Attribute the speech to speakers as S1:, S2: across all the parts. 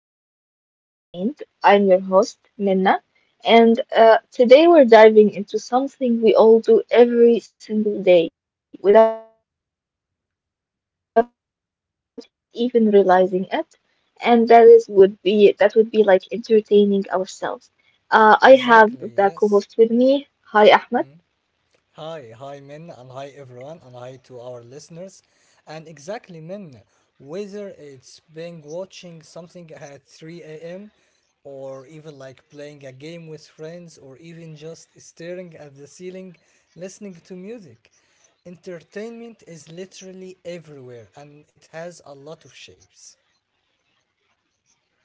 S1: of Being Entertained. I'm your host, Minna, and today we're diving into something we all do every single day without even realizing it, and that would be like entertaining ourselves. I have the co-host with me. Hi Ahmed.
S2: Exactly, yes. Mm. Hi, Min, and hi everyone, and hi to our listeners. And exactly, Min, whether it's being watching something at 3 a.m., or even like playing a game with friends, or even just staring at the ceiling listening to music, entertainment is literally everywhere and it has a lot of shapes.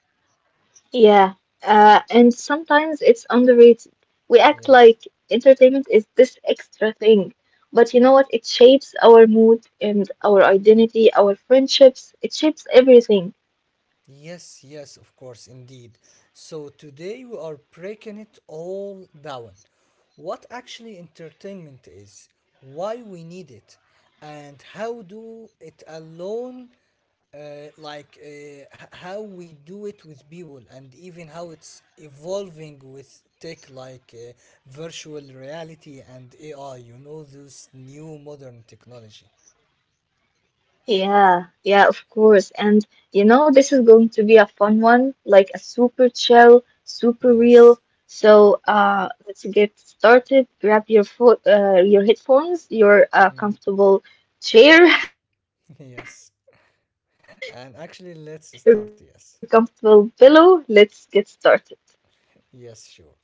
S1: Yeah, and sometimes it's underrated. We act like
S2: Yes.
S1: entertainment is this extra thing, but you know what? It shapes our mood and our identity, our friendships. It shapes everything.
S2: Yes, of course, indeed. So today we are breaking it all down. What actually entertainment is, why we need it, and how do it alone, like how we do it with people, and even how it's evolving with tech like virtual reality and AI, you know, this new modern technology.
S1: Yeah, yeah, of course. And you know, this is going to be a fun one, like a super chill, super real.
S2: Yes.
S1: So, let's get started. Grab your
S2: Mm,
S1: headphones, your
S2: yes.
S1: comfortable
S2: And
S1: chair,
S2: actually, let's start,
S1: your
S2: yes.
S1: comfortable pillow. Let's get started.
S2: Yes, sure.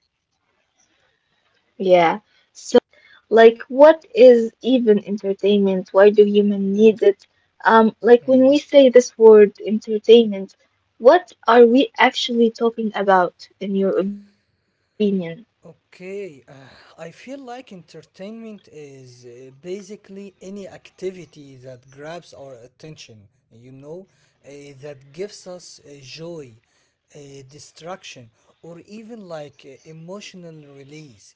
S1: Yeah. So let's start by the definition of entertainment. Like, what is even entertainment? Why do humans need it? Like, when
S2: Mm.
S1: we say this word entertainment, what are we actually talking about, in your opinion?
S2: Okay, I feel like entertainment is basically any activity that grabs our attention, you know, that gives us joy, uh, distraction, or even like emotional release.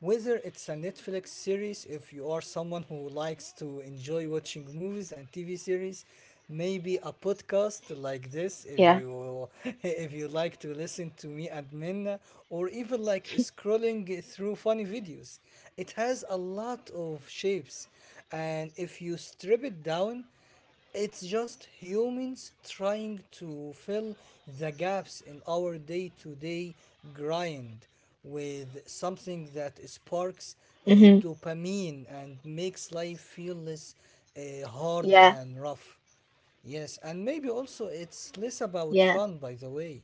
S2: Whether it's a Netflix series, if you are someone who likes to enjoy watching movies and TV series, maybe a podcast like
S1: Yeah.
S2: this, if you if you like to listen to me and Minna, or even like scrolling through funny videos. It has a lot of shapes, and if you strip it down, it's just humans trying to fill the gaps in our day to day grind with something that sparks
S1: Mm-hmm.
S2: a dopamine and makes life feel less hard
S1: Yeah.
S2: and rough. Yes, and maybe also it's less about fun,
S1: Yeah.
S2: by the way,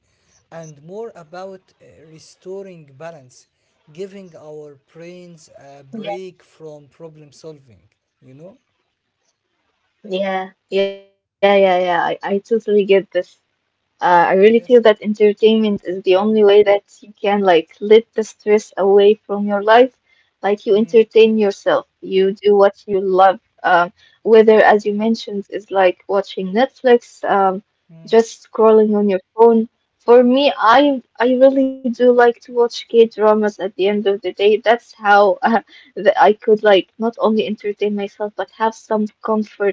S2: and more about restoring balance, giving our brains a break
S1: Yeah.
S2: from problem solving, you know?
S1: Yeah. Yeah. Yeah. Yeah. I totally get this. I really feel
S2: Yes.
S1: that entertainment is the only way that you can like let the stress away from your life. Like you
S2: Mm.
S1: entertain yourself, you do what you love. Whether, as you mentioned, is like watching Netflix, just scrolling on your phone. For me, I really do like to watch K-dramas at the end of the day. That's how that I could like not only entertain myself but have some comfort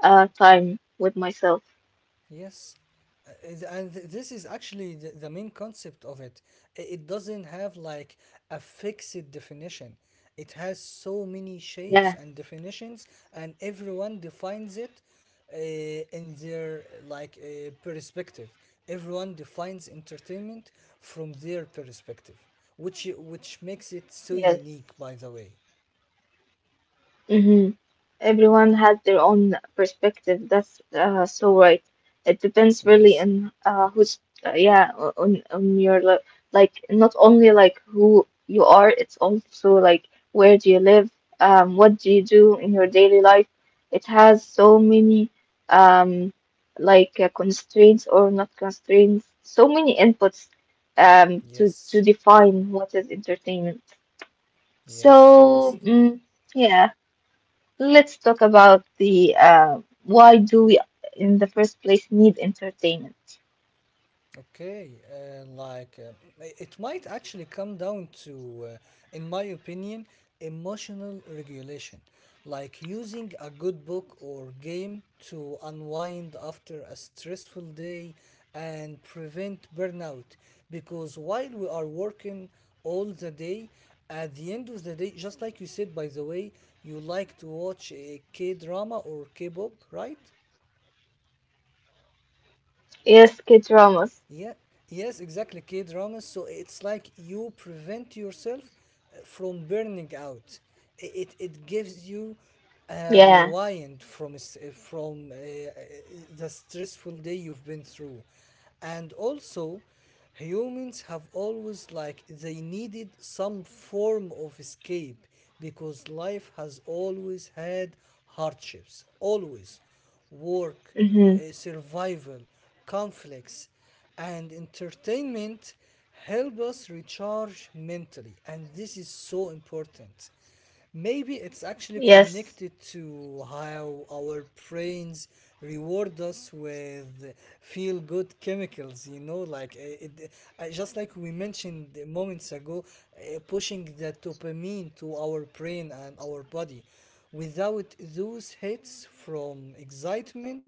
S1: time with myself.
S2: Yes, this is actually the main concept of it. It doesn't have like a fixed definition. It has so many shapes
S1: Yeah.
S2: and definitions, and everyone defines it uh, in their like perspective. Everyone defines entertainment from their perspective, which makes it so
S1: Yes.
S2: unique. By the way,
S1: Mm-hmm. Everyone had their own perspective. That's so right. It depends
S2: yes,
S1: really on who's yeah o- on your li like not only like who you are. It's also like where do you live? What do you do in your daily life? It has so many um like constraints or not constraints. So many inputs to
S2: yes,
S1: define what is entertainment.
S2: yes.
S1: So yeah. Let's talk about the why do we in the first place need entertainment?
S2: Okay, it might actually come down to, in my opinion, emotional regulation, like using a good book or game to unwind after a stressful day and prevent burnout. Because while we are working all the day, at the end of the day, just like you said, by the way, you like to watch a K drama or K pop, right?
S1: Yes, K dramas.
S2: Yeah, yes, exactly, K dramas. So it's like you prevent yourself from burning out. It gives you a
S1: Yeah.
S2: rewind from the stressful day you've been through, and also humans have always like they needed some form of escape because life has always had hardships, always work,
S1: Mm-hmm.
S2: survival, conflicts and entertainment help us recharge mentally and this is so important. Maybe it's actually
S1: Yes.
S2: connected to how our brains reward us with feel good chemicals, you know, like just like we mentioned moments ago, pushing the dopamine to our brain and our body. Without those hits from excitement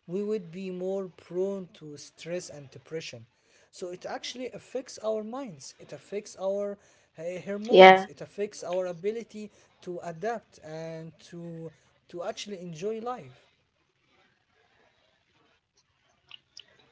S2: we would be more prone to stress and depression. So it actually affects our minds, it affects our
S1: Yeah.
S2: hormones, it affects our ability to adapt and to actually enjoy life.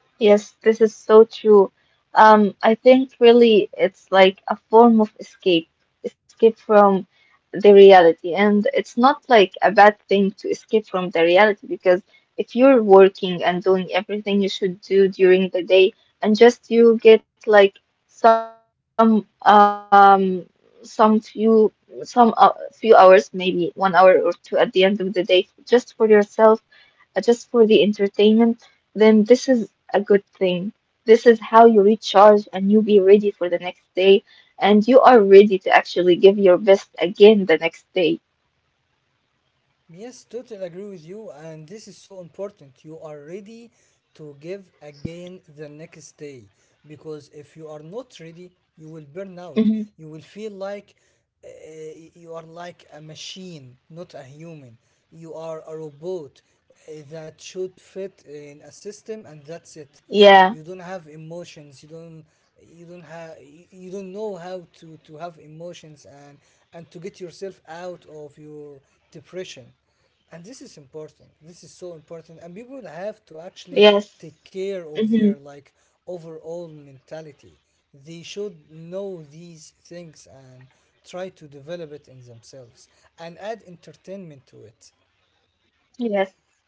S1: Yes, this is so true. I think really it's like a form of escape, escape from the reality. And it's not like a bad thing to escape from the reality because if you're working and doing everything you should do during the day and just you get like some few some few hours, maybe 1 hour or two at the end of the day just for yourself just for the entertainment, then this is a good thing. This is how you recharge and you be ready for the next day, and you are ready to actually give your best again the next day.
S2: Yes, totally agree with you, and this is so important. You are ready to give again the next day because if you are not ready, you will burn out. You will feel
S1: Hmm.
S2: like uh, you are like a machine, not a human. You are a robot that should fit in a system, and that's it.
S1: Yeah.
S2: You don't have emotions, you don't, you don't have, you don't know how to have emotions and to get yourself out of your depression. And this is important, this is so important, and people have to actually take
S1: Yes.
S2: care of their
S1: Hmm.
S2: like overall mentality. They should know these things and try to develop it in themselves and add entertainment to it.
S1: Yes.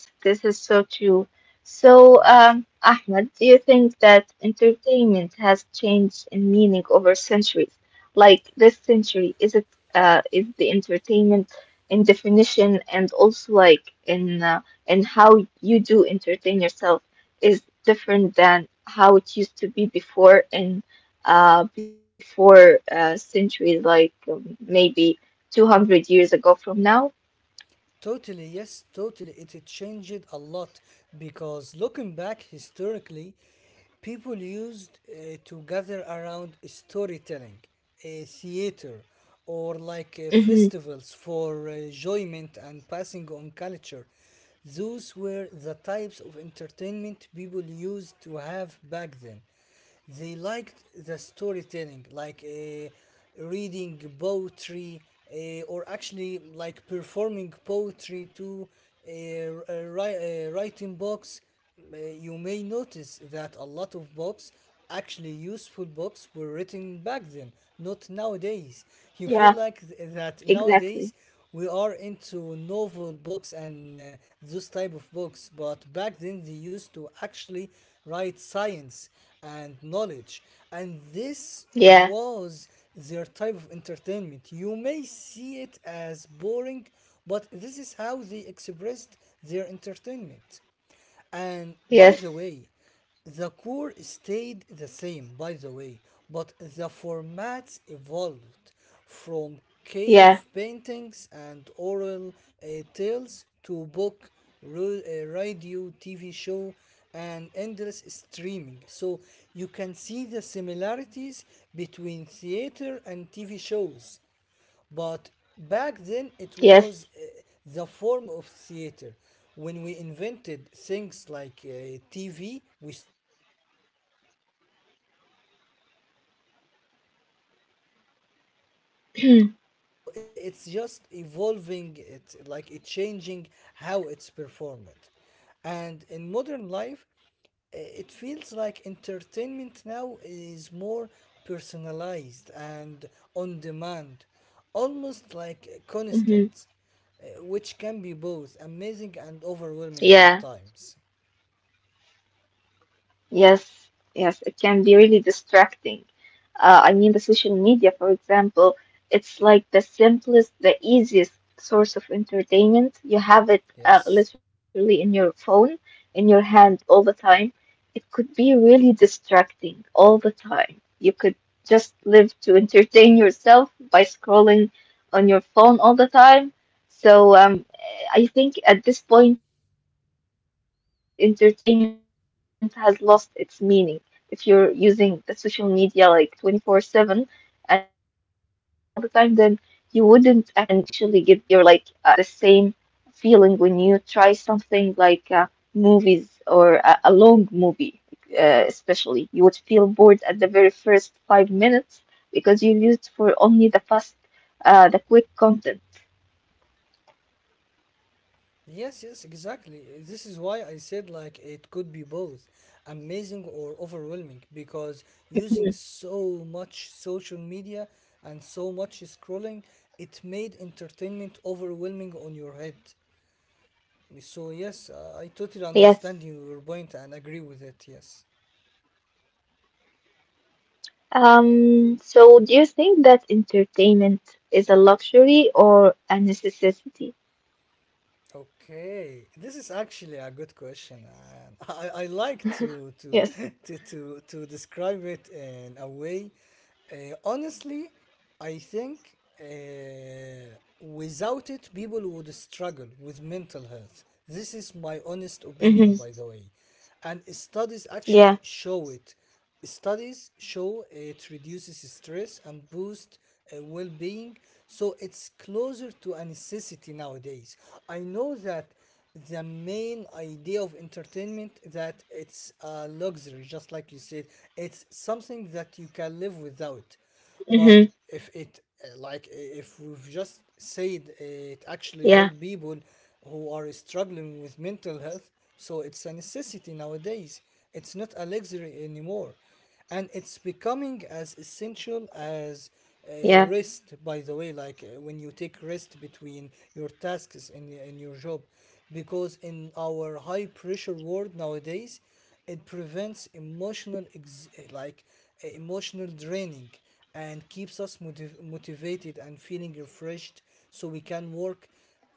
S1: Yes, this is so true. So,
S2: Yes,
S1: Ahmed, do you think that entertainment has changed in meaning over centuries? Like this century, is the entertainment in definition and also like in how you do entertain yourself is different than how it used to be before and before centuries, like maybe 200 years ago from now?
S2: totally, yes, totally. It changed a lot because looking back historically, people used to gather around storytelling, theater, or like
S1: Hmm.
S2: festivals for enjoyment and passing on culture. Those were the types of entertainment people used to have back then. They liked the storytelling, like reading poetry, or actually like performing poetry to writing books. You may notice that a lot of books, actually useful books, were written back then, not nowadays. You feel like
S1: Yeah,
S2: that nowadays we
S1: exactly.
S2: are into novel books and those type of books, but back then they used to actually write science and knowledge, and this was
S1: Yeah.
S2: their type of entertainment. You may see it as boring, but this is how they expressed their entertainment. And by the way,
S1: Yes.
S2: the core stayed the same, by the way, but the formats evolved from cave
S1: Yeah.
S2: paintings and oral uh, tales to book, radio, TV show, and endless streaming. So you can see the similarities between theater and TV shows, but back then it was
S1: Yes.
S2: the form of theater. When we invented things like TV, we started to like evolve the theater to a TV show. So it's the same, but it's just evolving it, like it changing how it's performed. And in modern life, it feels like entertainment now is more personalized and on demand, almost like
S1: Hmm.
S2: constant, which can be both amazing and overwhelming at
S1: Yeah.
S2: times.
S1: Yes, yes, it can be really distracting. I mean, the social media, for example, it's like the simplest, the easiest source of entertainment. You have it
S2: Yes.
S1: literally in your phone, in your hand all the time. It could be really distracting all the time. You could just live to entertain yourself by scrolling on your phone all the time. So, I think at this point, entertainment has lost its meaning if you're using the social media like 24/7 and you're used to just entertain yourself all the time, then you wouldn't actually get the same feeling when you try something like movies or a long movie, especially. You would feel bored at the very first 5 minutes because you're used for only the fast, the quick content.
S2: Yes, exactly. This is why I said like it could be both amazing or overwhelming, because using
S1: Mhm.
S2: so much social media and so much scrolling, it made entertainment overwhelming on your head. So yes, I totally
S1: Yes.
S2: understand your point and agree with it. Yes.
S1: So do you think that entertainment is a luxury or a necessity?
S2: Okay, this is actually a good question, and I like to
S1: Yes.
S2: to describe it in a way. Honestly, I think without it, people would struggle with mental health. This is my honest opinion, by
S1: Mm-hmm.
S2: the way, and studies actually
S1: Yeah.
S2: show it. Studies show it reduces stress and boosts well being, so it's closer to a necessity nowadays. I know that the main idea of entertainment that it's a luxury, just like you said, it's something that you can live without, but
S1: Mm-hmm.
S2: if it if we've just said it actually
S1: Yeah.
S2: help people who are struggling with mental health, so it's a necessity nowadays. It's not a luxury anymore, and it's becoming as essential as rest.
S1: Yeah.
S2: By the way, like when you take rest between your tasks in your job, because in our high pressure world nowadays it prevents emotional emotional draining and keeps us motivated and feeling refreshed so we can work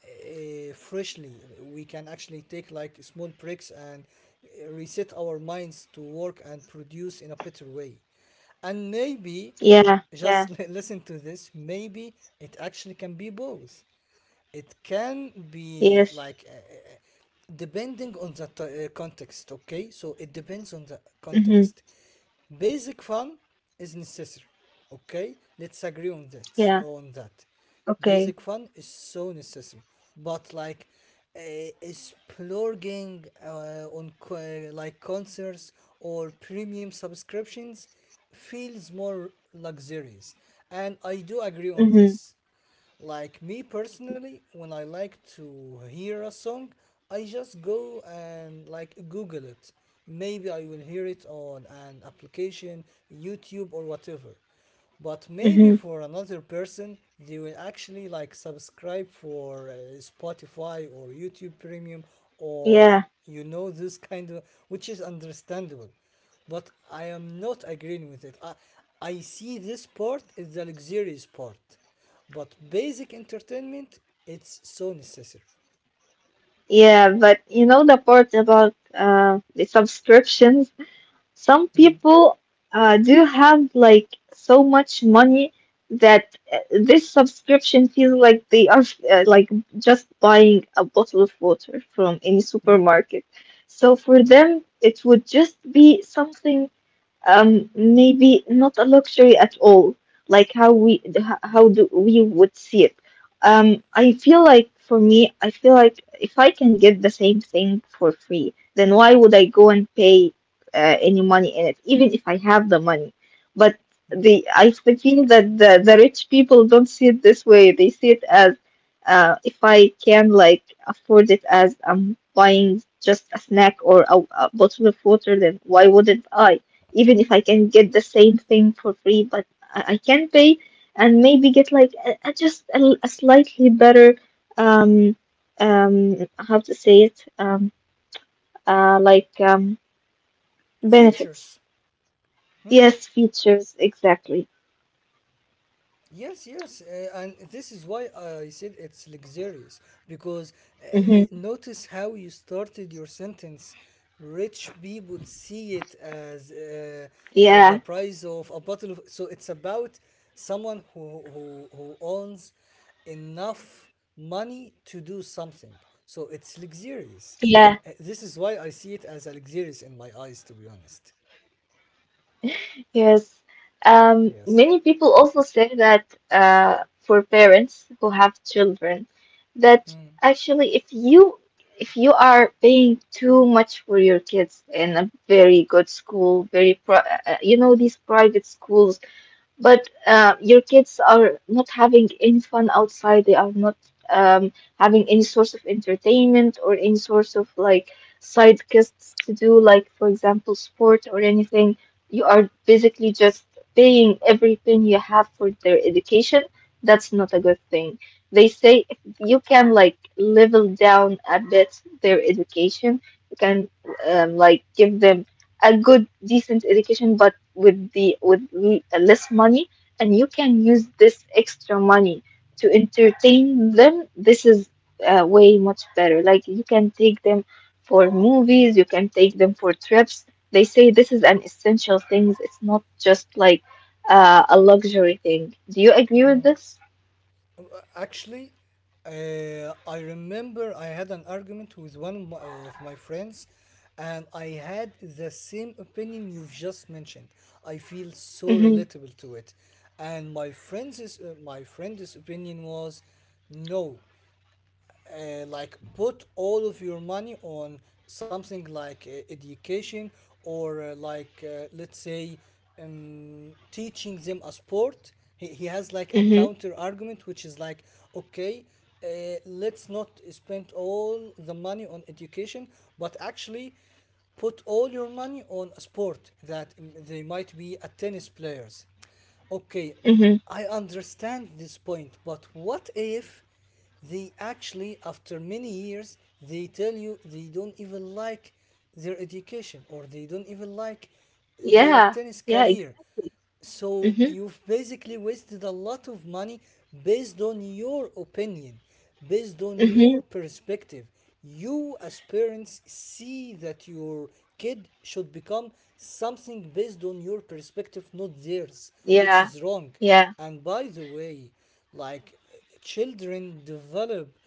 S2: freshly. We can actually take like small breaks and reset our minds to work and produce in a better way. And maybe, just
S1: Yeah.
S2: listen to
S1: Yeah.
S2: this, maybe it actually can be both. It can be like
S1: Yes.
S2: depending on the context, okay? So it depends on the context.
S1: Mm-hmm.
S2: Basic fun is necessary, okay? Let's agree on that. On
S1: Yeah.
S2: that, basic fun
S1: Okay.
S2: is so necessary, but like uh, exploring like concerts or premium subscriptions feels more luxurious, and I do agree on
S1: Mm-hmm.
S2: this. Like me personally, when I like to hear a song, I just go and like Google it. Maybe I will hear it on an application, YouTube, or whatever. But maybe
S1: Mm-hmm.
S2: for another person, they will actually like subscribe for Spotify or YouTube Premium or
S1: Yeah.
S2: you know this kind of, which is understandable but I am not agreeing with it. I see this part is the luxurious part, but basic entertainment it's so necessary.
S1: Yeah. But you know the part about the subscriptions. Some
S2: Mm,
S1: people do have like so much money that this subscription feels like they are like just buying a bottle of water from any
S2: mm,
S1: supermarket. So for
S2: mm,
S1: them, it would just be something maybe not a luxury at all like how do we would see it. I feel like for me, I feel like if I can get the same thing for free, then why would I go and pay any money in it, even if I have the money, but
S2: mm.
S1: the I feel that the rich people don't see it this way. They see it as if I can like afford it as I'm buying just a snack or a bottle of water, then why wouldn't I, even if I can get the same thing for free, but I can pay and maybe get like a just a, l- a slightly better um how to say it like benefits.
S2: Features, Mm,
S1: Yes, features exactly.
S2: Yes, and this is why I said it's luxurious because
S1: Mm-hmm.
S2: notice how you started your sentence. Rich people see it as the
S1: Yeah,
S2: price of a bottle of. So it's about someone who owns enough money to do something. So it's luxurious.
S1: yeah.
S2: This is why I see it as a luxurious in my eyes, to be honest.
S1: Yes.
S2: Yes.
S1: Many people also say that for parents who have children, that actually if you, if you are paying too much for your kids in a very good school, very pri you know, these private schools, but your kids are not having any fun outside. They are not um, having any source of entertainment or any source of like side quests to do, like for example, sport or anything. You are basically just paying everything you have for their education. That's not a good thing. They say if you can like level down a bit their education, you can like give them a good decent education but with less money, and you can use this extra money to entertain them. This is way much better. Like you can take them for movies, you can take them for trips. They say this is an essential thing, it's not just like a luxury thing. Do you agree with this?
S2: Actually, I remember I had an argument with one of of my friends, and I had the same opinion you've just mentioned. I feel so
S1: Mm-hmm.
S2: relatable to it, and my friend's opinion was, no, like put all of your money on something like education or let's say teaching them a sport. He has like a
S1: Mm-hmm.
S2: counter argument which is like, okay, uh, let's not spend all the money on education but actually put all your money on a sport. They might be a tennis players, okay.
S1: Mm-hmm.
S2: I understand this point, but what if they actually, after many years, they tell you they don't even like their education or they don't even like their
S1: Yeah,
S2: tennis
S1: yeah,
S2: career.
S1: exactly.
S2: So
S1: Mm-hmm.
S2: you've basically wasted a lot of money based on your opinion, based on your
S1: Mm-hmm.
S2: perspective. You, as parents, see that your kid should become something based on your perspective, not theirs, which
S1: Yeah.
S2: is wrong.
S1: Yeah.
S2: And by the way, like children develop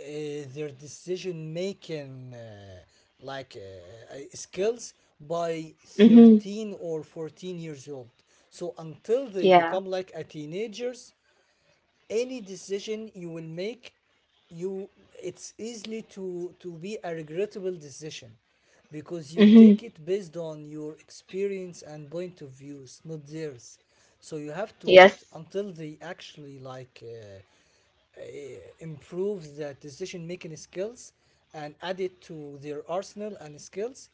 S2: uh, their decision making skills by
S1: Mm-hmm.
S2: 13 or 14 years old, so until they
S1: Yeah.
S2: become like a teenagers, any decision you will make, you it's easily to be a regrettable decision because you
S1: Mm-hmm.
S2: take it based on your experience and point of views, not theirs. So you have to wait
S1: Yes.
S2: until they actually improves the decision making skills and add it to their arsenal and skills,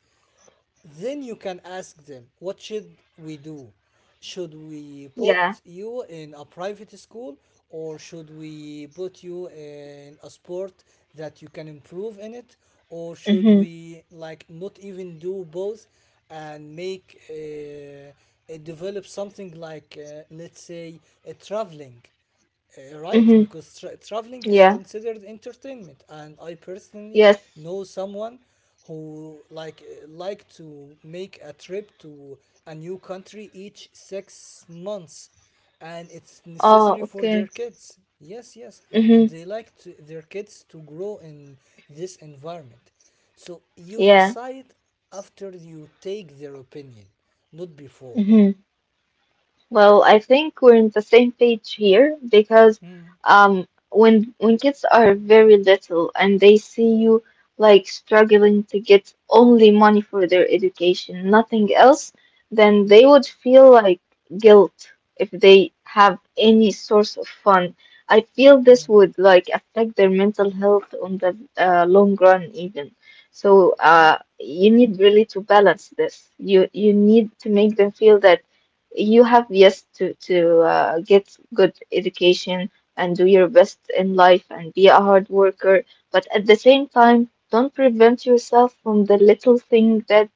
S2: then you can ask them, what should we do? Should we
S1: Yeah.
S2: put you in a private school, or should we put you in a sport that you can improve in it, or should
S1: Mm-hmm.
S2: we like not even do both and make develop something like let's say traveling, right,
S1: Mm-hmm.
S2: because traveling is
S1: Yeah.
S2: considered entertainment, and I personally
S1: Yes.
S2: know someone who like to make a trip to a new country each 6 months, and it's
S1: Oh,
S2: necessary for their
S1: okay.
S2: kids. Yes, yes, and
S1: Mm-hmm.
S2: they like to, their kids to grow in this environment. So you
S1: Yeah.
S2: decide after you take their opinion, not before.
S1: Mm-hmm. Well, I think we're on the same page here because
S2: Mm,
S1: when kids are very little and they see you like struggling to get only money for their education, nothing else, then
S2: mm,
S1: they would feel like guilt if they have any source of fun. I feel this
S2: mm,
S1: would like affect their mental health on the long run even. So
S2: mm.
S1: you need really to balance this. You need to make them feel that you have yes to get good education and do your best in life and be a hard worker, but at the same time don't prevent yourself from the little thing that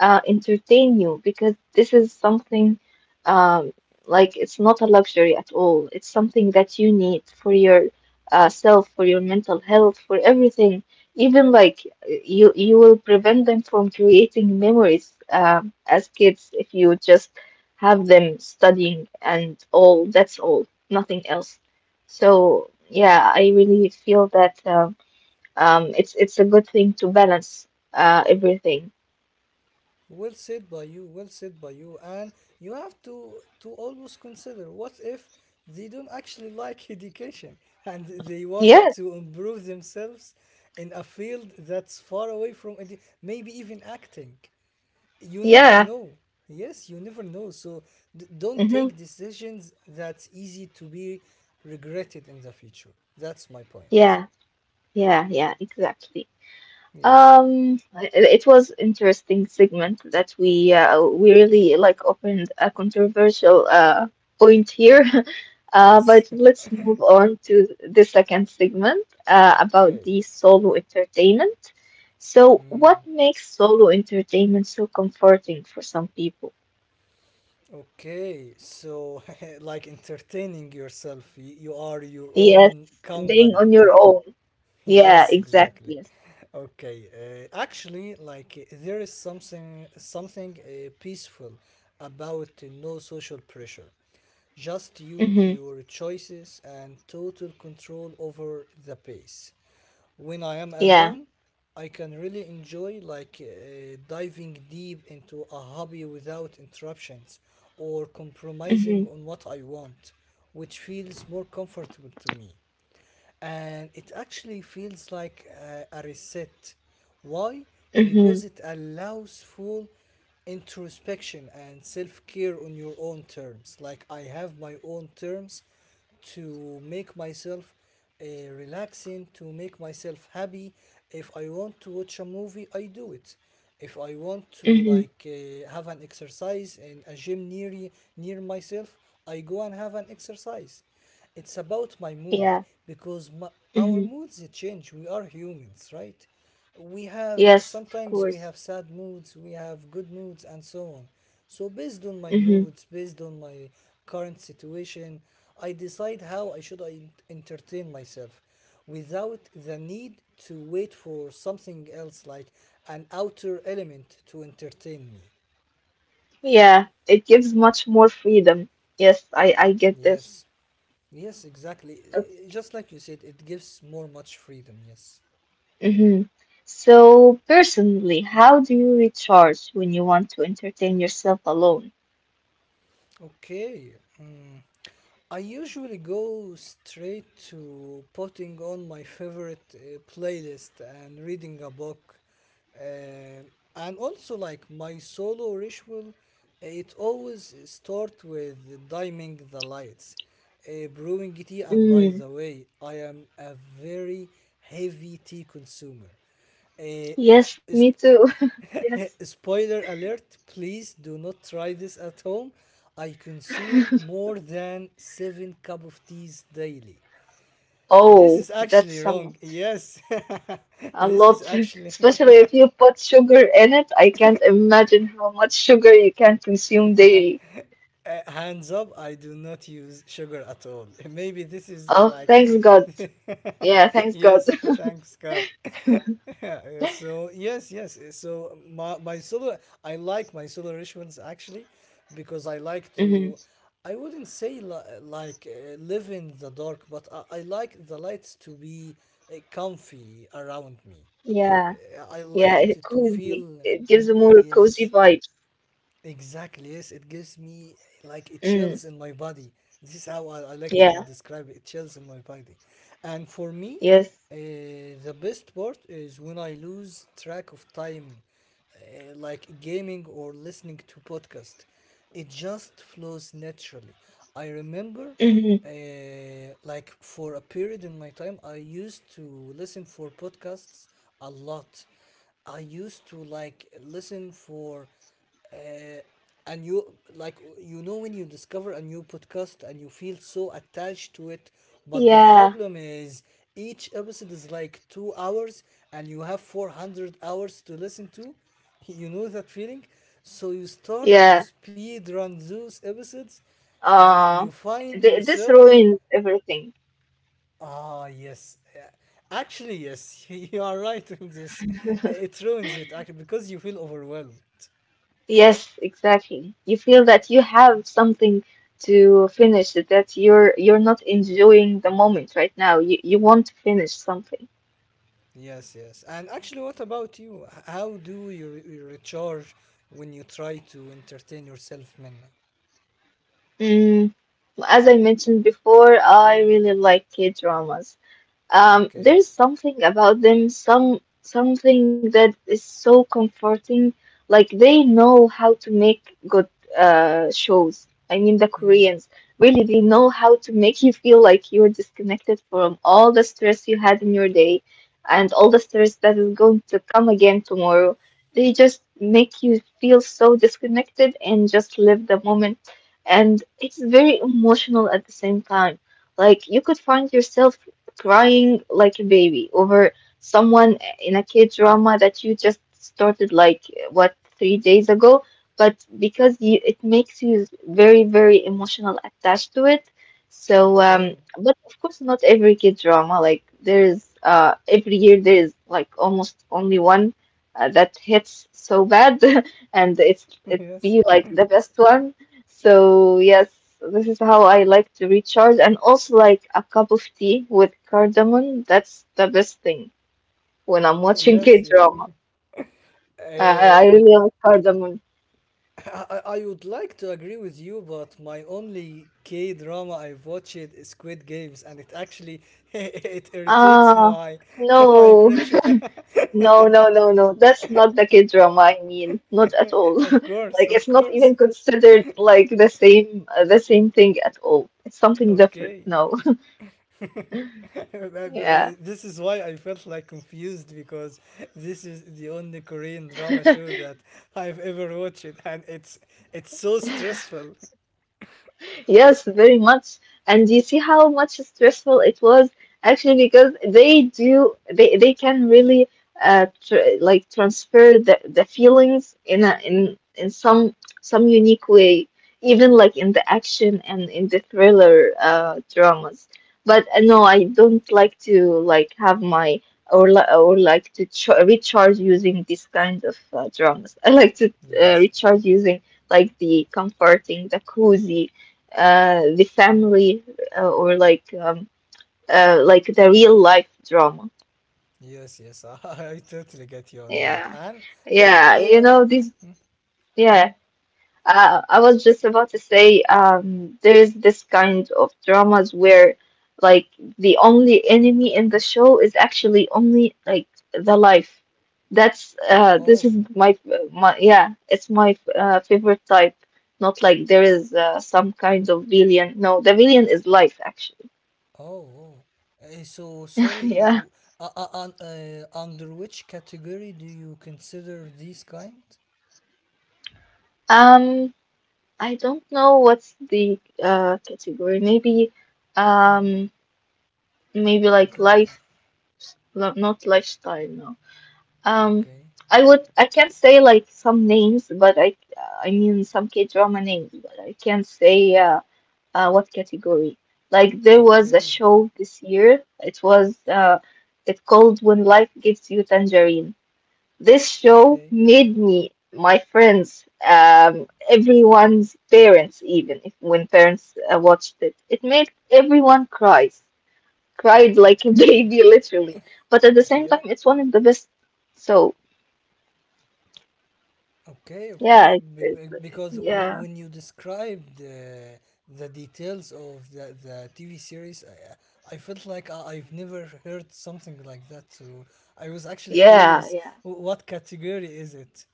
S1: entertain you, because this is something um, like it's not a luxury at all. It's something that you need for your self, for your mental health, for everything. Even like you will prevent them from creating memories as kids if you just have them studying and all. That's all, nothing else. So yeah, I really feel that it's a good thing to balance everything.
S2: Well said by you, well said by you. And you have to always consider what if they don't actually like education and they wanted
S1: Yes,
S2: to improve themselves in a field that's far away from maybe even acting. You never
S1: yeah.
S2: know. Yes, you never know. So don't
S1: Mm-hmm.
S2: take decisions that's easy to be regretted in the future. That's my point.
S1: Yeah, yeah, yeah, exactly.
S2: Yes.
S1: It was interesting segment that we really like opened a controversial point here. But
S2: Yes.
S1: let's move on to the second segment about
S2: Okay.
S1: the solo entertainment. So,
S2: Mm.
S1: what makes solo entertainment so comforting for some people?
S2: Okay, so like entertaining yourself, you are your
S1: Yes,
S2: own
S1: being
S2: company.
S1: on your own. Yeah,
S2: Yes,
S1: exactly.
S2: exactly.
S1: Yes.
S2: Okay, actually, there is something peaceful about no social pressure. Just you,
S1: Mm-hmm.
S2: your choices, and total control over the pace. When I am
S1: Yeah.
S2: alone, I can really enjoy diving deep into a hobby without interruptions or
S1: Mm-hmm.
S2: compromising on what I want, which feels more comfortable to me, and it actually feels like a reset. Why?
S1: Mm-hmm.
S2: Because it allows full introspection and self care on your own terms. Like, I have my own terms to make myself relaxing, to make myself happy. If I want to watch a movie, I do it. If I want to
S1: Mm-hmm.
S2: have an exercise in a gym near myself, I go and have an exercise. It's about my mood,
S1: Yeah.
S2: because our
S1: Hmm.
S2: moods change. We are humans, right? We have
S1: Yes, of
S2: sometimes we
S1: course.
S2: have sad moods, we have good moods, and so on. So, based on my
S1: Hmm.
S2: moods, based on my current situation, I decide how I should I entertain myself without the need to wait for something else like an outer element to entertain me.
S1: Yeah, it gives much more freedom. Yes, I get this.
S2: Yes, yes, exactly. Just like you said, it gives more much freedom. Yes.
S1: Mm-hmm. So, personally, how do you recharge when you want to entertain yourself alone?
S2: Okay. mm, I usually go straight to putting on my favorite playlist and reading a book. Uh, and also, like my solo ritual, it always starts with dimming the lights, brewing tea. And by
S1: Mm,
S2: the way, I am a very heavy tea consumer. Uh,
S1: yes, me
S2: is
S1: too. Yes.
S2: Spoiler alert, please do not try this at home. I consume more than 7 cup of teas daily. This
S1: Oh,
S2: is actually
S1: that's a lot.
S2: wrong. Yes.
S1: A
S2: this is
S1: lot.
S2: actually
S1: Especially if you put sugar in it. I can't imagine how much sugar you can consume daily.
S2: Hands up, I do not use sugar at all. Maybe this is
S1: Oh,
S2: like.
S1: thanks God.
S2: a-
S1: Yeah, thanks God.
S2: Yes, thanks God. So, yes, yes. So, my solar, I like my solar rituals actually because I like
S1: Hmm.
S2: to, I wouldn't say live in the dark, but I like the lights to be comfy around me.
S1: Yeah.
S2: I
S1: Yeah,
S2: like
S1: it
S2: to
S1: cozy.
S2: feel.
S1: It gives
S2: Mm,
S1: a more cozy
S2: yes.
S1: vibes.
S2: Exactly, yes, it gives me like it
S1: Mm,
S2: chills in my body. This is how I like to
S1: yeah,
S2: describe it, it chills in my body. And for me,
S1: yes.
S2: uh, the best part is when I lose track of time, like gaming or listening to podcast. It just flows naturally. I remember
S1: Hmm.
S2: like for a period in my time, I used to listen for podcasts a lot. I used to like listen for uh, a new, like, you know, when you discover a new podcast and you feel so attached to it, but the
S1: Yeah,
S2: problem is each episode is like 2 hours and you have 400 hours to listen to. You know that feeling? So you start to
S1: yeah.
S2: speed run those episodes and
S1: Uh,
S2: you find
S1: th this
S2: yourself.
S1: ruins everything.
S2: Ah, yes. Actually, yes, you are right in this. It ruins it actually because you feel overwhelmed.
S1: Yes, exactly. You feel that you have something to finish, that you're not enjoying the moment right now. You want to finish something.
S2: Yes, yes. And actually, what about you? How do you, you recharge when you try to entertain yourself, Minna?
S1: Mm, as I mentioned before, I really like K-dramas.
S2: Okay.
S1: There's something about them, something that is so comforting. Like they know how to make good shows. I mean, the
S2: Hmm.
S1: Koreans really they know how to make you feel like you're disconnected from all the stress you had in your day and all the stress that is going to come again tomorrow. They just make you feel so disconnected and just live the moment. And it's very emotional at the same time. Like you could find yourself crying like a baby over someone in a kid drama that you just started like what 3 days ago, but because you it makes you very, very emotional attached to it. So
S2: Okay.
S1: but of course not every kid drama, like there is every year there is like almost only one that hits so bad and it's it
S2: Yes.
S1: be like the best one. So yes, this is how I like to recharge, and also like a cup of tea with cardamom. That's the best thing when I'm watching
S2: Yes, yes.
S1: K-drama. I,
S2: Uh,
S1: I really love cardamom.
S2: I would like to agree with you, but my only K drama I've watched is Squid Games, and it actually it irritates
S1: Ah,
S2: my my
S1: no.
S2: impression.
S1: No, no, no, no. That's not the K-drama I mean. Not at all.
S2: Of course,
S1: Like
S2: of
S1: it's not
S2: course.
S1: even considered like the same thing at all. It's something different.
S2: Okay,
S1: No. Yeah.
S2: this is why I felt like confused because this is the only Korean drama show that I've ever watched, and it's so stressful.
S1: Yes, very much. And you see how much stressful it was, actually, because they do they can really like transfer the feelings in a in some unique way, even like in the action and in the thriller dramas. But no, I don't like to like have my or like to ch recharge using these kind of dramas. I like to
S2: Yes,
S1: recharge using like the comforting, the cozy the family or like the real life drama.
S2: yes, yes. I totally get you on that,
S1: Yeah.
S2: and yeah,
S1: Yeah, you
S2: I
S1: know this. Yeah,
S2: Mm?
S1: I was just about to say, there's this kind of dramas where, like, the only enemy in the show is actually only like the life. That's this is
S2: Oh,
S1: my yeah, it's my favorite type. Not like there is some kind of villain. No, the villain is life actually.
S2: oh, oh. So sorry.
S1: Yeah.
S2: Under which category do you consider these kind?
S1: Um, I don't know what's the category. Maybe
S2: Mm.
S1: um maybe like
S2: Because
S1: life, no, not lifestyle, no. Um
S2: okay,
S1: I would, I can't say like some names, but I mean some K-drama names, but I can't say what category. Like there was a
S2: okay,
S1: show this year. It was it called When Life Gives You Tangerine. This show
S2: okay,
S1: made me, my friends, everyone's parents, even if when parents watched it, it made everyone cries, cried like a
S2: okay.
S1: baby, literally. But at the same time,
S2: Yeah,
S1: it's one of the best. So
S2: okay,
S1: yeah,
S2: okay,
S1: it's, it's
S2: because
S1: yeah,
S2: when you described the details of the TV series, I felt like I've never heard something like that. So I was actually
S1: yeah,
S2: curious,
S1: yeah.
S2: what category is it?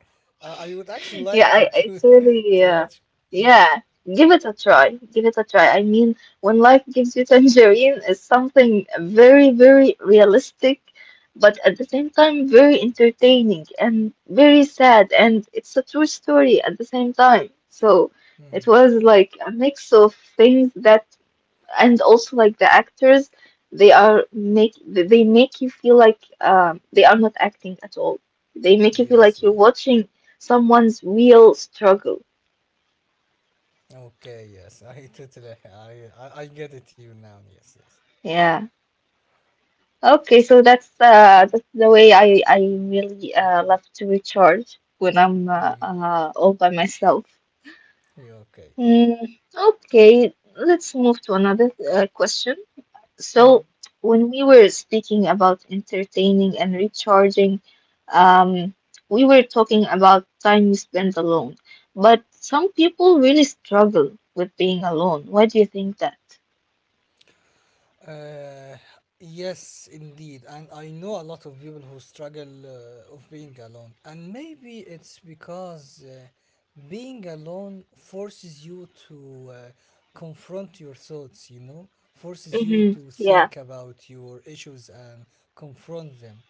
S2: I would actually
S1: Yeah,
S2: like to to
S1: it's really,
S2: to watch. Mm,
S1: yeah, give it a try. Give it a try. I mean, when life gives you tangerine is something very, very realistic, but at the same time, very entertaining and very sad. And it's a true story at the same time. So it
S2: mm.
S1: was like a mix of things that, and also like the actors, they make you feel like they are not acting at all. They make you feel
S2: Yes,
S1: like you're
S2: yes.
S1: watching someone's real struggle.
S2: Okay, yes. I totally, I get it. You now. Yes, yes.
S1: Yeah, okay, so that's the way I really love to recharge when I'm
S2: Mm.
S1: all by myself.
S2: You okay?
S1: Mm, okay, let's move to another question. So
S2: Hmm.
S1: when we were speaking about entertaining and recharging, um, we were talking about time you spend alone. But some people really struggle with being alone. Why do you think that?
S2: Uh, yes, indeed. And I know a lot of people who struggle of being alone. And maybe it's because being alone forces you to confront your thoughts, you know, forces you
S1: Mm-hmm.
S2: to
S1: Yeah.
S2: think about your issues and confront them,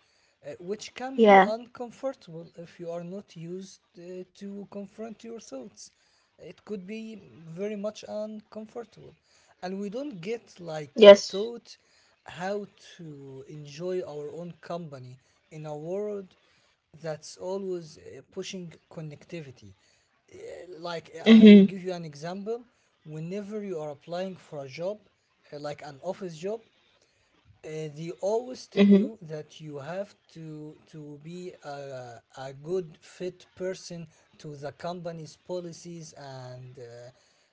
S2: which can be
S1: Yeah.
S2: uncomfortable if you are not used to confront your thoughts. It could be very much uncomfortable. And we don't get
S1: Yes.
S2: taught how to enjoy our own company in a world that's always pushing connectivity. Like,
S1: Mm-hmm.
S2: I will give you an example. Whenever you are applying for a job, like an office job, they always
S1: Mm-hmm.
S2: tell you that you have to be a good fit person to the company's policies and uh,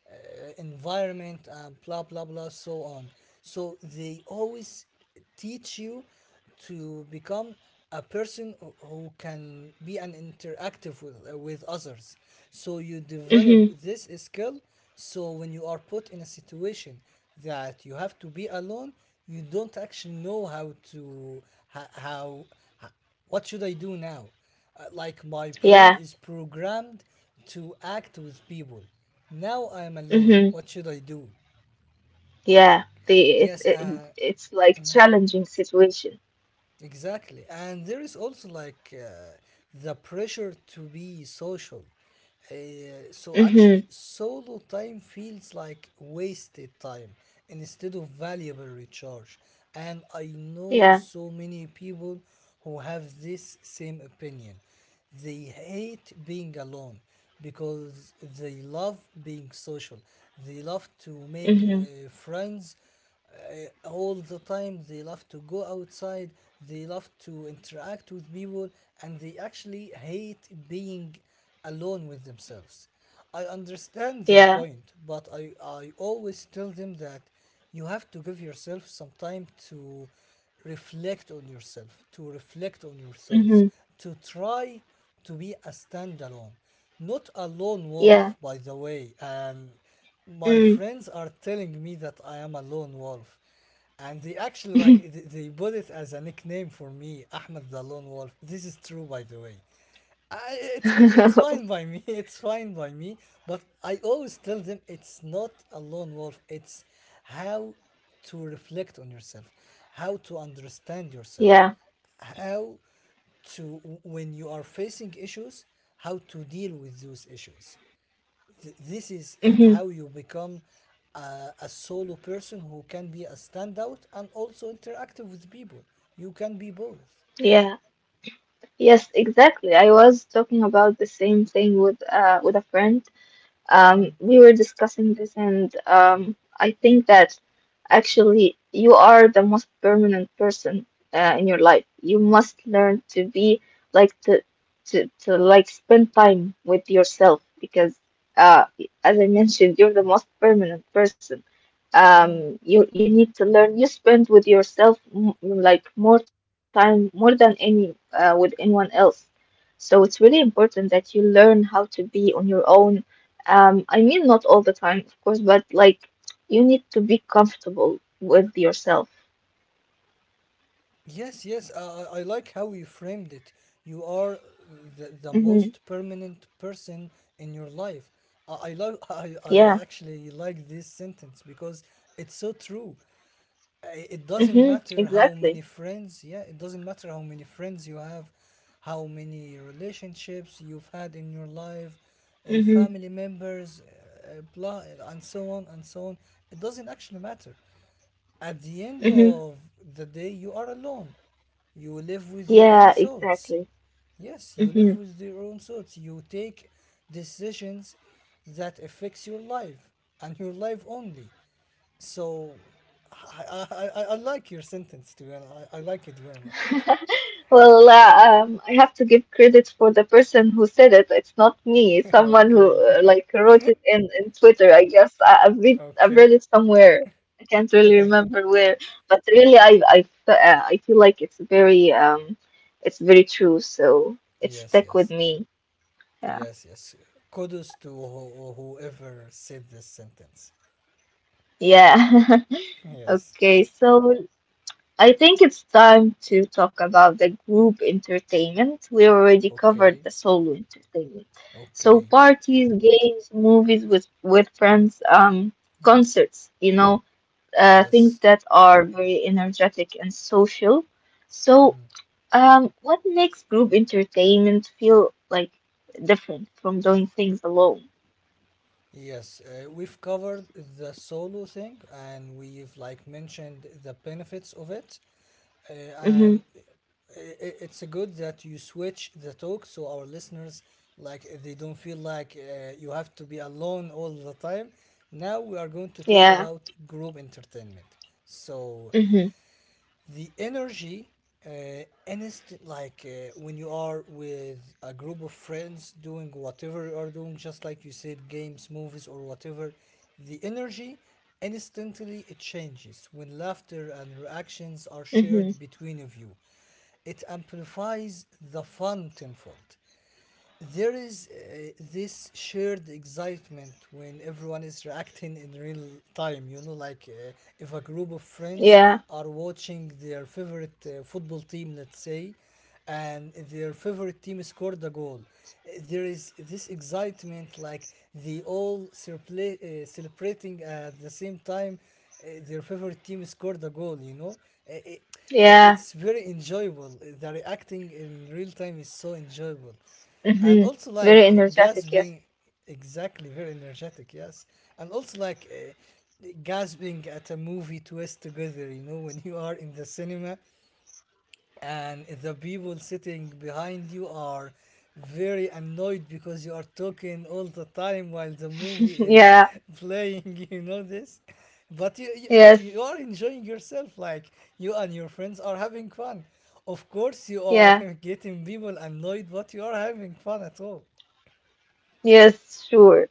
S2: uh, environment and blah blah blah so on, so they always teach you to become a person who can be an interactive with others, so you develop
S1: Mm-hmm.
S2: this skill. So when you are put in a situation that you have to be alone, you don't actually know how to ho- how, ho- what should I do now. Like, my brain
S1: Yeah.
S2: is programmed to act with people. Now I am alone,
S1: Mm-hmm.
S2: what should I do?
S1: Yeah. The it,
S2: Yes.
S1: it it's like challenging situation.
S2: Exactly. And there is also the pressure to be social. So
S1: Mm-hmm.
S2: actually, solo time feels like wasted time instead of valuable recharge. And I know
S1: Yeah.
S2: so many people who have this same opinion. They hate being alone because they love being social. They love to make
S1: Mm-hmm.
S2: friends all the time. They love to go outside. They love to interact with people, and they actually hate being alone with themselves. I understand their
S1: Yeah.
S2: point, but I always tell them that you have to give yourself some time to reflect on yourself, to reflect on your thoughts,
S1: Mm-hmm.
S2: to try to be a standalone. Not a lone
S1: Yeah.
S2: wolf, by the way. My
S1: Mm-hmm.
S2: friends are telling me that I am a lone wolf. And they actually they put it as a nickname for me, Ahmed the Lone Wolf. This is true, by the way. I, it's fine by me. It's fine by me. But I always tell them it's not a lone wolf. It's how to reflect on yourself, how to understand
S1: yeah.
S2: yourself, how to when you are facing issues, how to deal with those issues.
S1: Mm-hmm.
S2: How you become a solo person who can be a standout and also interactive with people. You can be both.
S1: Yeah. Yes, exactly. I was talking about the same thing with a friend. We were discussing this, and I think that actually you are the most permanent person in your life. You must learn to be like to like spend time with yourself because uh, as I mentioned, you're the most permanent person.
S2: Mm.
S1: You need to learn. You spend with yourself m like more time, more than any with anyone else. So it's really important that you learn how to be on your own. I mean, not all the time, of course, but like you need to be comfortable with yourself.
S2: Yes, yes, I like how you framed it. You are the
S1: Hmm.
S2: most permanent person in your life. I
S1: Yeah.
S2: actually like this sentence because it's so true. It doesn't
S1: Hmm.
S2: matter how
S1: Exactly.
S2: many friends, yeah, it doesn't matter how many friends you have, how many relationships you've had in your life,
S1: Hmm.
S2: family members, blah and so on and so on. It doesn't actually matter. At the end
S1: Hmm.
S2: of the day, you are alone, you live with your
S1: Yeah,
S2: own
S1: exactly.
S2: thoughts. Yes, you
S1: Mhm.
S2: live with your own thoughts, you take decisions that affects your life and your life only. So I, I like your sentence too, and I like it very much.
S1: Well, I have to give credit for the person who said it. It's not me. It's someone who
S2: Okay,
S1: like wrote it in Twitter. I guess I've read
S2: okay,
S1: it somewhere. I can't really
S2: okay.
S1: remember where, but really, I feel like it's very true. So it
S2: Yes,
S1: stuck with
S2: yes,
S1: me. Yeah.
S2: yes, yes. Kudos to whoever said this sentence.
S1: Yeah.
S2: Yes.
S1: Okay. So I think it's time to talk about the group entertainment. We already covered
S2: Okay,
S1: the solo entertainment. So
S2: okay.
S1: parties, games, movies with friends,
S2: Mm.
S1: concerts, you know, things
S2: Yes.
S1: that are very energetic and social. So,
S2: Mm.
S1: what makes group entertainment feel like different from doing things alone?
S2: Yes, we've covered the solo thing and we've like mentioned the benefits of it.
S1: Mm-hmm.
S2: It's good that you switch the talk so our listeners, like, they don't feel like you have to be alone all the time. Now we are going to talk
S1: Yeah.
S2: about group entertainment. So
S1: Mm-hmm.
S2: the energy, instant like when you are with a group of friends doing whatever you are doing, just like you said, games, movies or whatever, the energy instantly, it changes when laughter and reactions are
S1: Mm-hmm.
S2: shared between of you. It amplifies the fun tenfold. There is this shared excitement when everyone is reacting in real time, you know, like, if a group of
S1: Yeah.
S2: friends are watching their favorite football team, let's say, and their favorite team scored a goal, there is this excitement, like, they all celebrating at the same time, their favorite team scored a goal, you know. Uh, it,
S1: Yeah.
S2: it's very enjoyable. The reacting in real time is so enjoyable, and
S1: Mm-hmm.
S2: also
S1: Very
S2: like
S1: energetic, yes.
S2: gasping. Exactly, very energetic, yes. And also like gasping at a movie twist together, you know, when you are in the cinema and the people sitting behind you are very annoyed because you are talking all the time while the movie is
S1: Yeah.
S2: playing, you know this. But you
S1: Yes,
S2: you are enjoying yourself, like, you and your friends are having fun. Of course you are
S1: yeah,
S2: getting people annoyed, but you are having fun at all.
S1: yes, sure.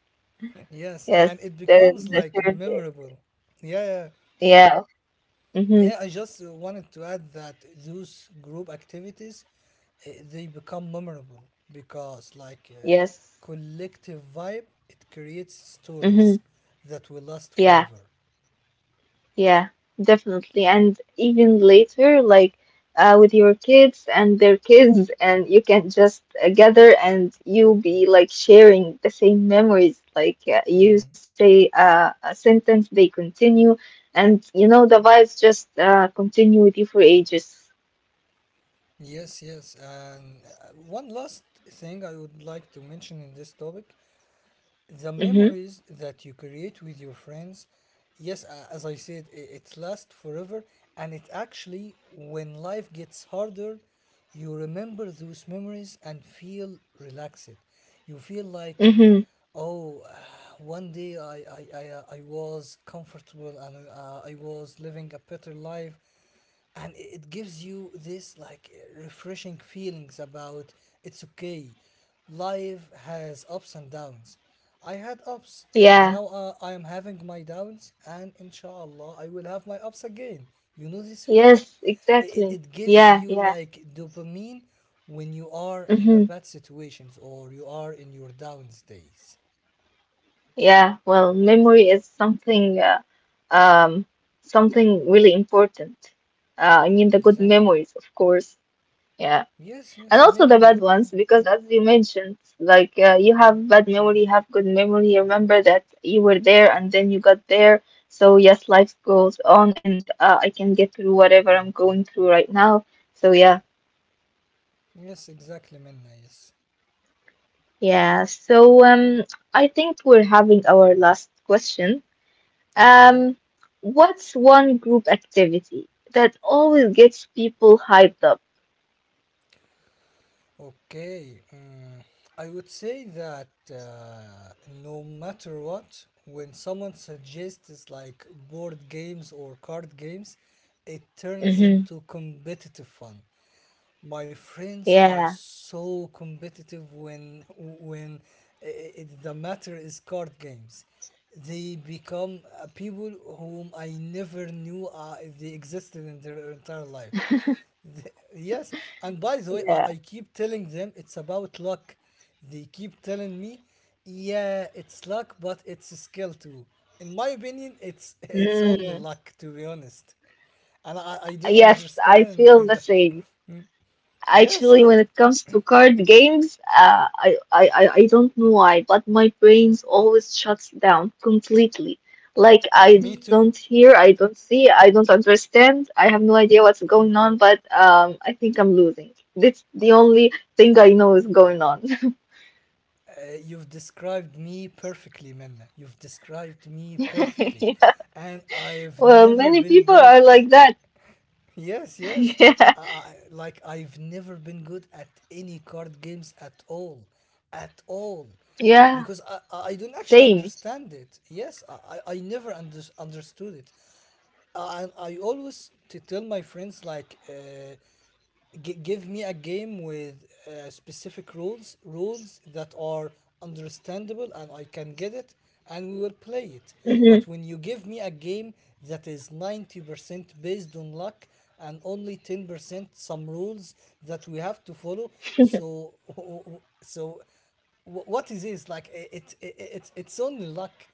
S2: Yes,
S1: Yes,
S2: and it
S1: the
S2: becomes
S1: the
S2: like
S1: shirt.
S2: memorable. Yeah, yeah.
S1: Yeah. Mm-hmm.
S2: Yeah, I just wanted to add that those group activities, they become memorable because,
S1: Yes.
S2: collective vibe, it creates
S1: Mm-hmm.
S2: stories that will last
S1: Yeah,
S2: forever.
S1: yeah, definitely. And even later, like with your kids and their kids, and you can just gather and you'll be like sharing the same memories. Like you
S2: Mm.
S1: say a sentence, they continue, and you know the vibes just continue with you for ages.
S2: Yes, yes. And one last thing I would like to mention in this topic, the
S1: Mm-hmm.
S2: memories that you create with your friends, yes, a- as I said I- it lasts forever. And it actually, when life gets harder, you remember those memories and feel relaxed. You feel like,
S1: Mm-hmm.
S2: oh, one day I was comfortable and I was living a better life. And it gives you this like refreshing feelings about, it's okay, life has ups and downs. I had ups,
S1: Yeah.
S2: now I am having my downs, and inshallah I will have my ups again, you know this feeling.
S1: Yes, exactly.
S2: It gives
S1: Yeah,
S2: you
S1: yeah.
S2: like dopamine when you are in a
S1: Hmm.
S2: bad situations or you are in your downs days.
S1: Yeah, well, memory is something um something really important. I mean the good
S2: Exactly.
S1: memories, of course. Yeah.
S2: Yes,
S1: And
S2: yes,
S1: also the
S2: making
S1: bad
S2: good
S1: ones, because
S2: mm,
S1: as you mentioned, like you
S2: mm.
S1: have bad memory, you have good memory. You remember that you were there and then you got there. So yes, life goes on and I can get through whatever I'm going through right now. So yeah.
S2: Yes, exactly, Minna, yes.
S1: Yeah, so I think we're having our last question.
S2: Okay.
S1: Um, what's one group activity that always gets people hyped up?
S2: Okay, mm, I would say that no matter what, when someone suggests like board games or card games, it turns
S1: Hmm.
S2: into competitive fun. My friends are
S1: Yeah.
S2: so competitive when when the matter is card games. They become people whom I never knew they existed in their entire life. Yes, and by the way,
S1: Yeah.
S2: I keep telling them it's about luck. They keep telling me, yeah, it's luck, but it's skill too. In my opinion, it's it's only
S1: Mm.
S2: luck, to be honest. And I don't
S1: Yes, I
S2: understand.
S1: feel the same.
S2: Yes,
S1: Actually, when it comes to card games, I don't know why, but my brains always shuts down completely. Like I
S2: me
S1: don't
S2: too.
S1: hear, I don't see, I don't understand. I have no idea what's going on, but I think I'm losing. That's the only thing I know is going on.
S2: You've described me perfectly, Minna. You've described me perfectly.
S1: Yeah.
S2: And I've
S1: Well,
S2: never
S1: many
S2: been
S1: people
S2: good.
S1: are like that.
S2: Yes, yes.
S1: Yeah.
S2: Uh, like I've never been good at any card games at all,
S1: Yeah.
S2: because I don't actually
S1: Same.
S2: understand it. Yes, I never understood it. I always to tell my friends, like, give me a game with specific rules, rules that are understandable and I can get it, and we will play it. But
S1: Mhm.
S2: when you give me a game that is 90% based on luck and only 10% some rules that we have to follow, so so what is this? It's only luck.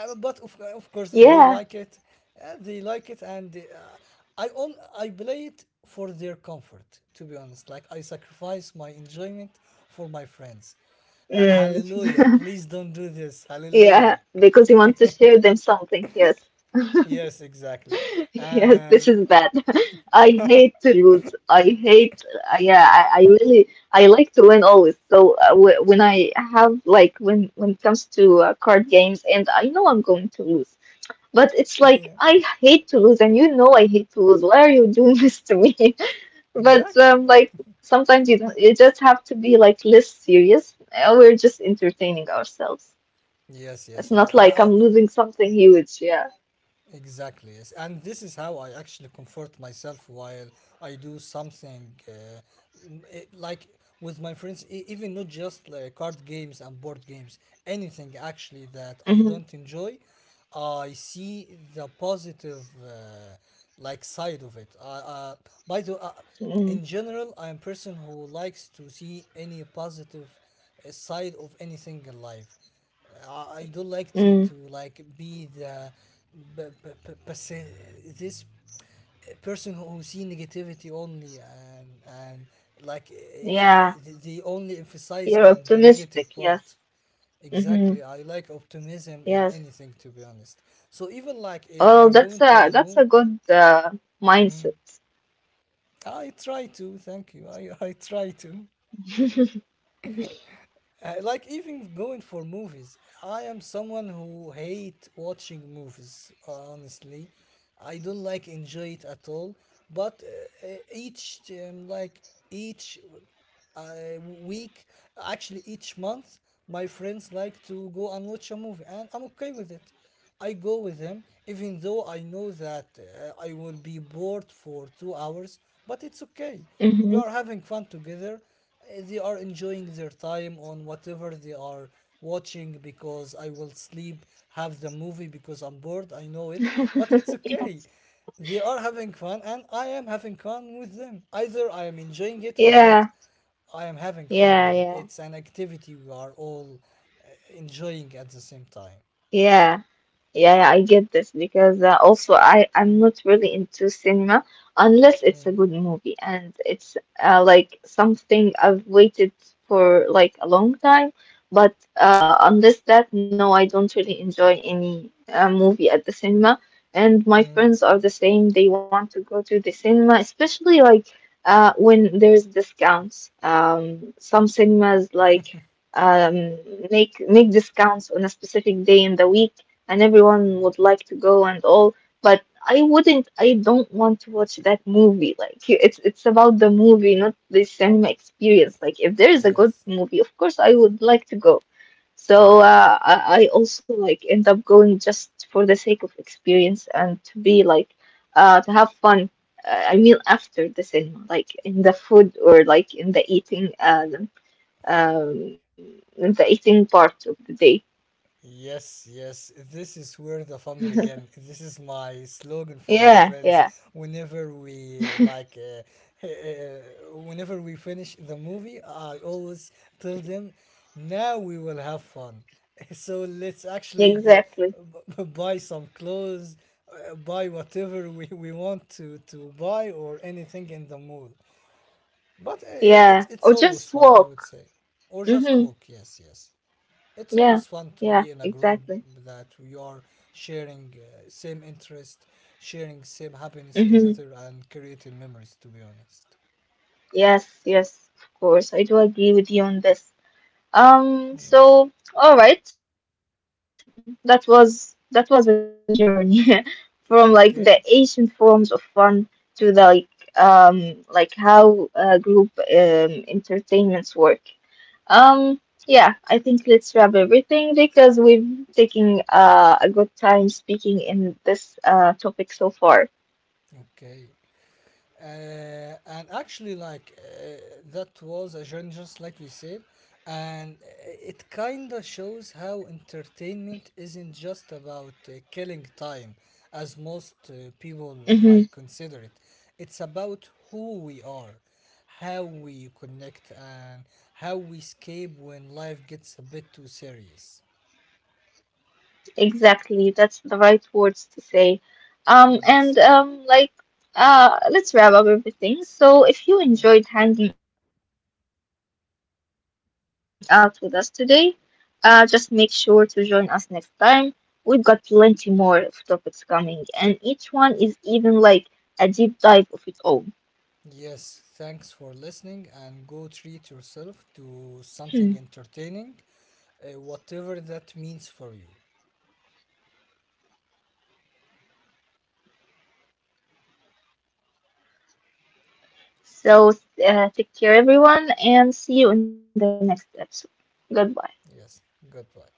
S2: Of course they like
S1: Yeah.
S2: it. They like it, and I play it for their comfort, to be honest, like I sacrifice my enjoyment for my friends.
S1: Mm.
S2: Hallelujah, please don't do this, hallelujah.
S1: Yeah. Because you want to share them something. Yes.
S2: Yes, exactly. And
S1: Yes, this is bad. I hate to lose. I hate, yeah, I really, I like to win always. So w when I have, like, when it comes to card games, and I know I'm going to lose, but it's like
S2: yeah,
S1: I hate to lose, and you know I hate to lose. Why are you doing this to me? But
S2: exactly,
S1: like sometimes you don't, you just have to be like less serious. We're just entertaining ourselves.
S2: yes,
S1: It's
S2: yes,
S1: not like I'm losing something huge. Yeah.
S2: exactly, yes. And this is how I actually comfort myself while I do something like, with my friends, even not just like card games and board games, anything actually that I
S1: Mm-hmm.
S2: don't enjoy, I see the positive like side of it. I by the
S1: Mm-hmm.
S2: In general, I am person who likes to see any positive side of anything in life. I don't like to
S1: Mm.
S2: like be the b- b- b- pers- this person who see negativity only, and like eh,
S1: Yeah,
S2: eh, they only emphasize
S1: you're
S2: on the
S1: optimistic.
S2: negative
S1: Yes.
S2: part.
S1: Mm-hmm.
S2: Exactly, I like optimism in
S1: Yes.
S2: anything, to be honest. So even like if we
S1: Oh,
S2: are going to a
S1: that's
S2: move,
S1: a good mindset.
S2: I try to. Thank you. I try to. Like even going for movies, I am someone who hate watching movies. Uh, honestly, I don't like enjoy it at all. But each like each week, actually each month, my friends like to go and watch a movie, and I'm okay with it. I go with him, even though I know that I will be bored for 2 hours, but it's okay. We
S1: Mm-hmm.
S2: are having fun together. They are enjoying their time on whatever they are watching, because I will sleep, have the movie because I'm bored, I know it, but it's okay. They are having fun and I am having fun with them. Either I am enjoying it or not.
S1: Yeah.
S2: I am having fun
S1: Yeah.
S2: with them.
S1: Yeah.
S2: It's an activity we are all enjoying at the same time.
S1: Yeah. Yeah, yeah, I get this, because also I'm not really into cinema unless it's a
S2: Mm.
S1: good movie and it's like something I've waited for like a long time. But unless that, no, I don't really enjoy any movie at the cinema. And my
S2: Mm,
S1: friends are the same. They want to go to the cinema, especially like when there's discounts. Some cinemas like um, make discounts on a specific day in the week, and everyone would like to go and all, but I wouldn't, I don't want to watch that movie. Like it's about the movie, not the cinema experience. Like if there is a good
S2: yes,
S1: movie, of course I would like to go. So
S2: yes,
S1: I also like end up going just for the sake of experience and to be like to have fun. I mean after the cinema, like in the food or like um in the eating part of the day.
S2: yes, yes. This is where the fun began. This is my slogan for my
S1: Yeah,
S2: friends.
S1: yeah,
S2: Whenever we like, whenever we finish the movie, I always tell them, "Now we will have fun." So let's actually
S1: exactly.
S2: buy some clothes, buy whatever we want to buy or anything in the mall. But
S1: Yeah,
S2: it's
S1: or
S2: always
S1: just
S2: fun, I would
S1: walk.
S2: say, or just
S1: Mm-hmm.
S2: walk. Yes, yes. It's
S1: Yeah,
S2: always fun to
S1: yeah,
S2: be in a group
S1: exactly.
S2: that we are sharing same interest, sharing same happiness
S1: Mm-hmm.
S2: together, and creating memories. To be honest,
S1: Yes, yes, of course. I do agree with you on this.
S2: yes.
S1: So all right, that was a journey from like the ancient forms of
S2: Okay,
S1: fun to the like how group entertainments work. Um, yeah, I think let's wrap everything because we've taken a good time speaking in this topic so far.
S2: okay. And actually, like, that was a genre, just like we said, and it kind of shows how entertainment isn't just about killing time, as most people like
S1: Hmm.
S2: consider it. It's about who we are, how we connect, and how we escape when life gets a bit too serious.
S1: Exactly. That's the right words to say.
S2: Yes.
S1: And like, let's wrap up everything. So, if you
S2: Mm.
S1: enjoyed hanging out with us today, just make sure to join us next time. We've got plenty more of topics coming, and each one is even like a deep dive of its own.
S2: Yes, thanks for listening and go
S1: Hmm.
S2: treat yourself to something entertaining, whatever that means for you.
S1: So, take care, everyone, and see you in the next episode. Goodbye.
S2: Yes, goodbye.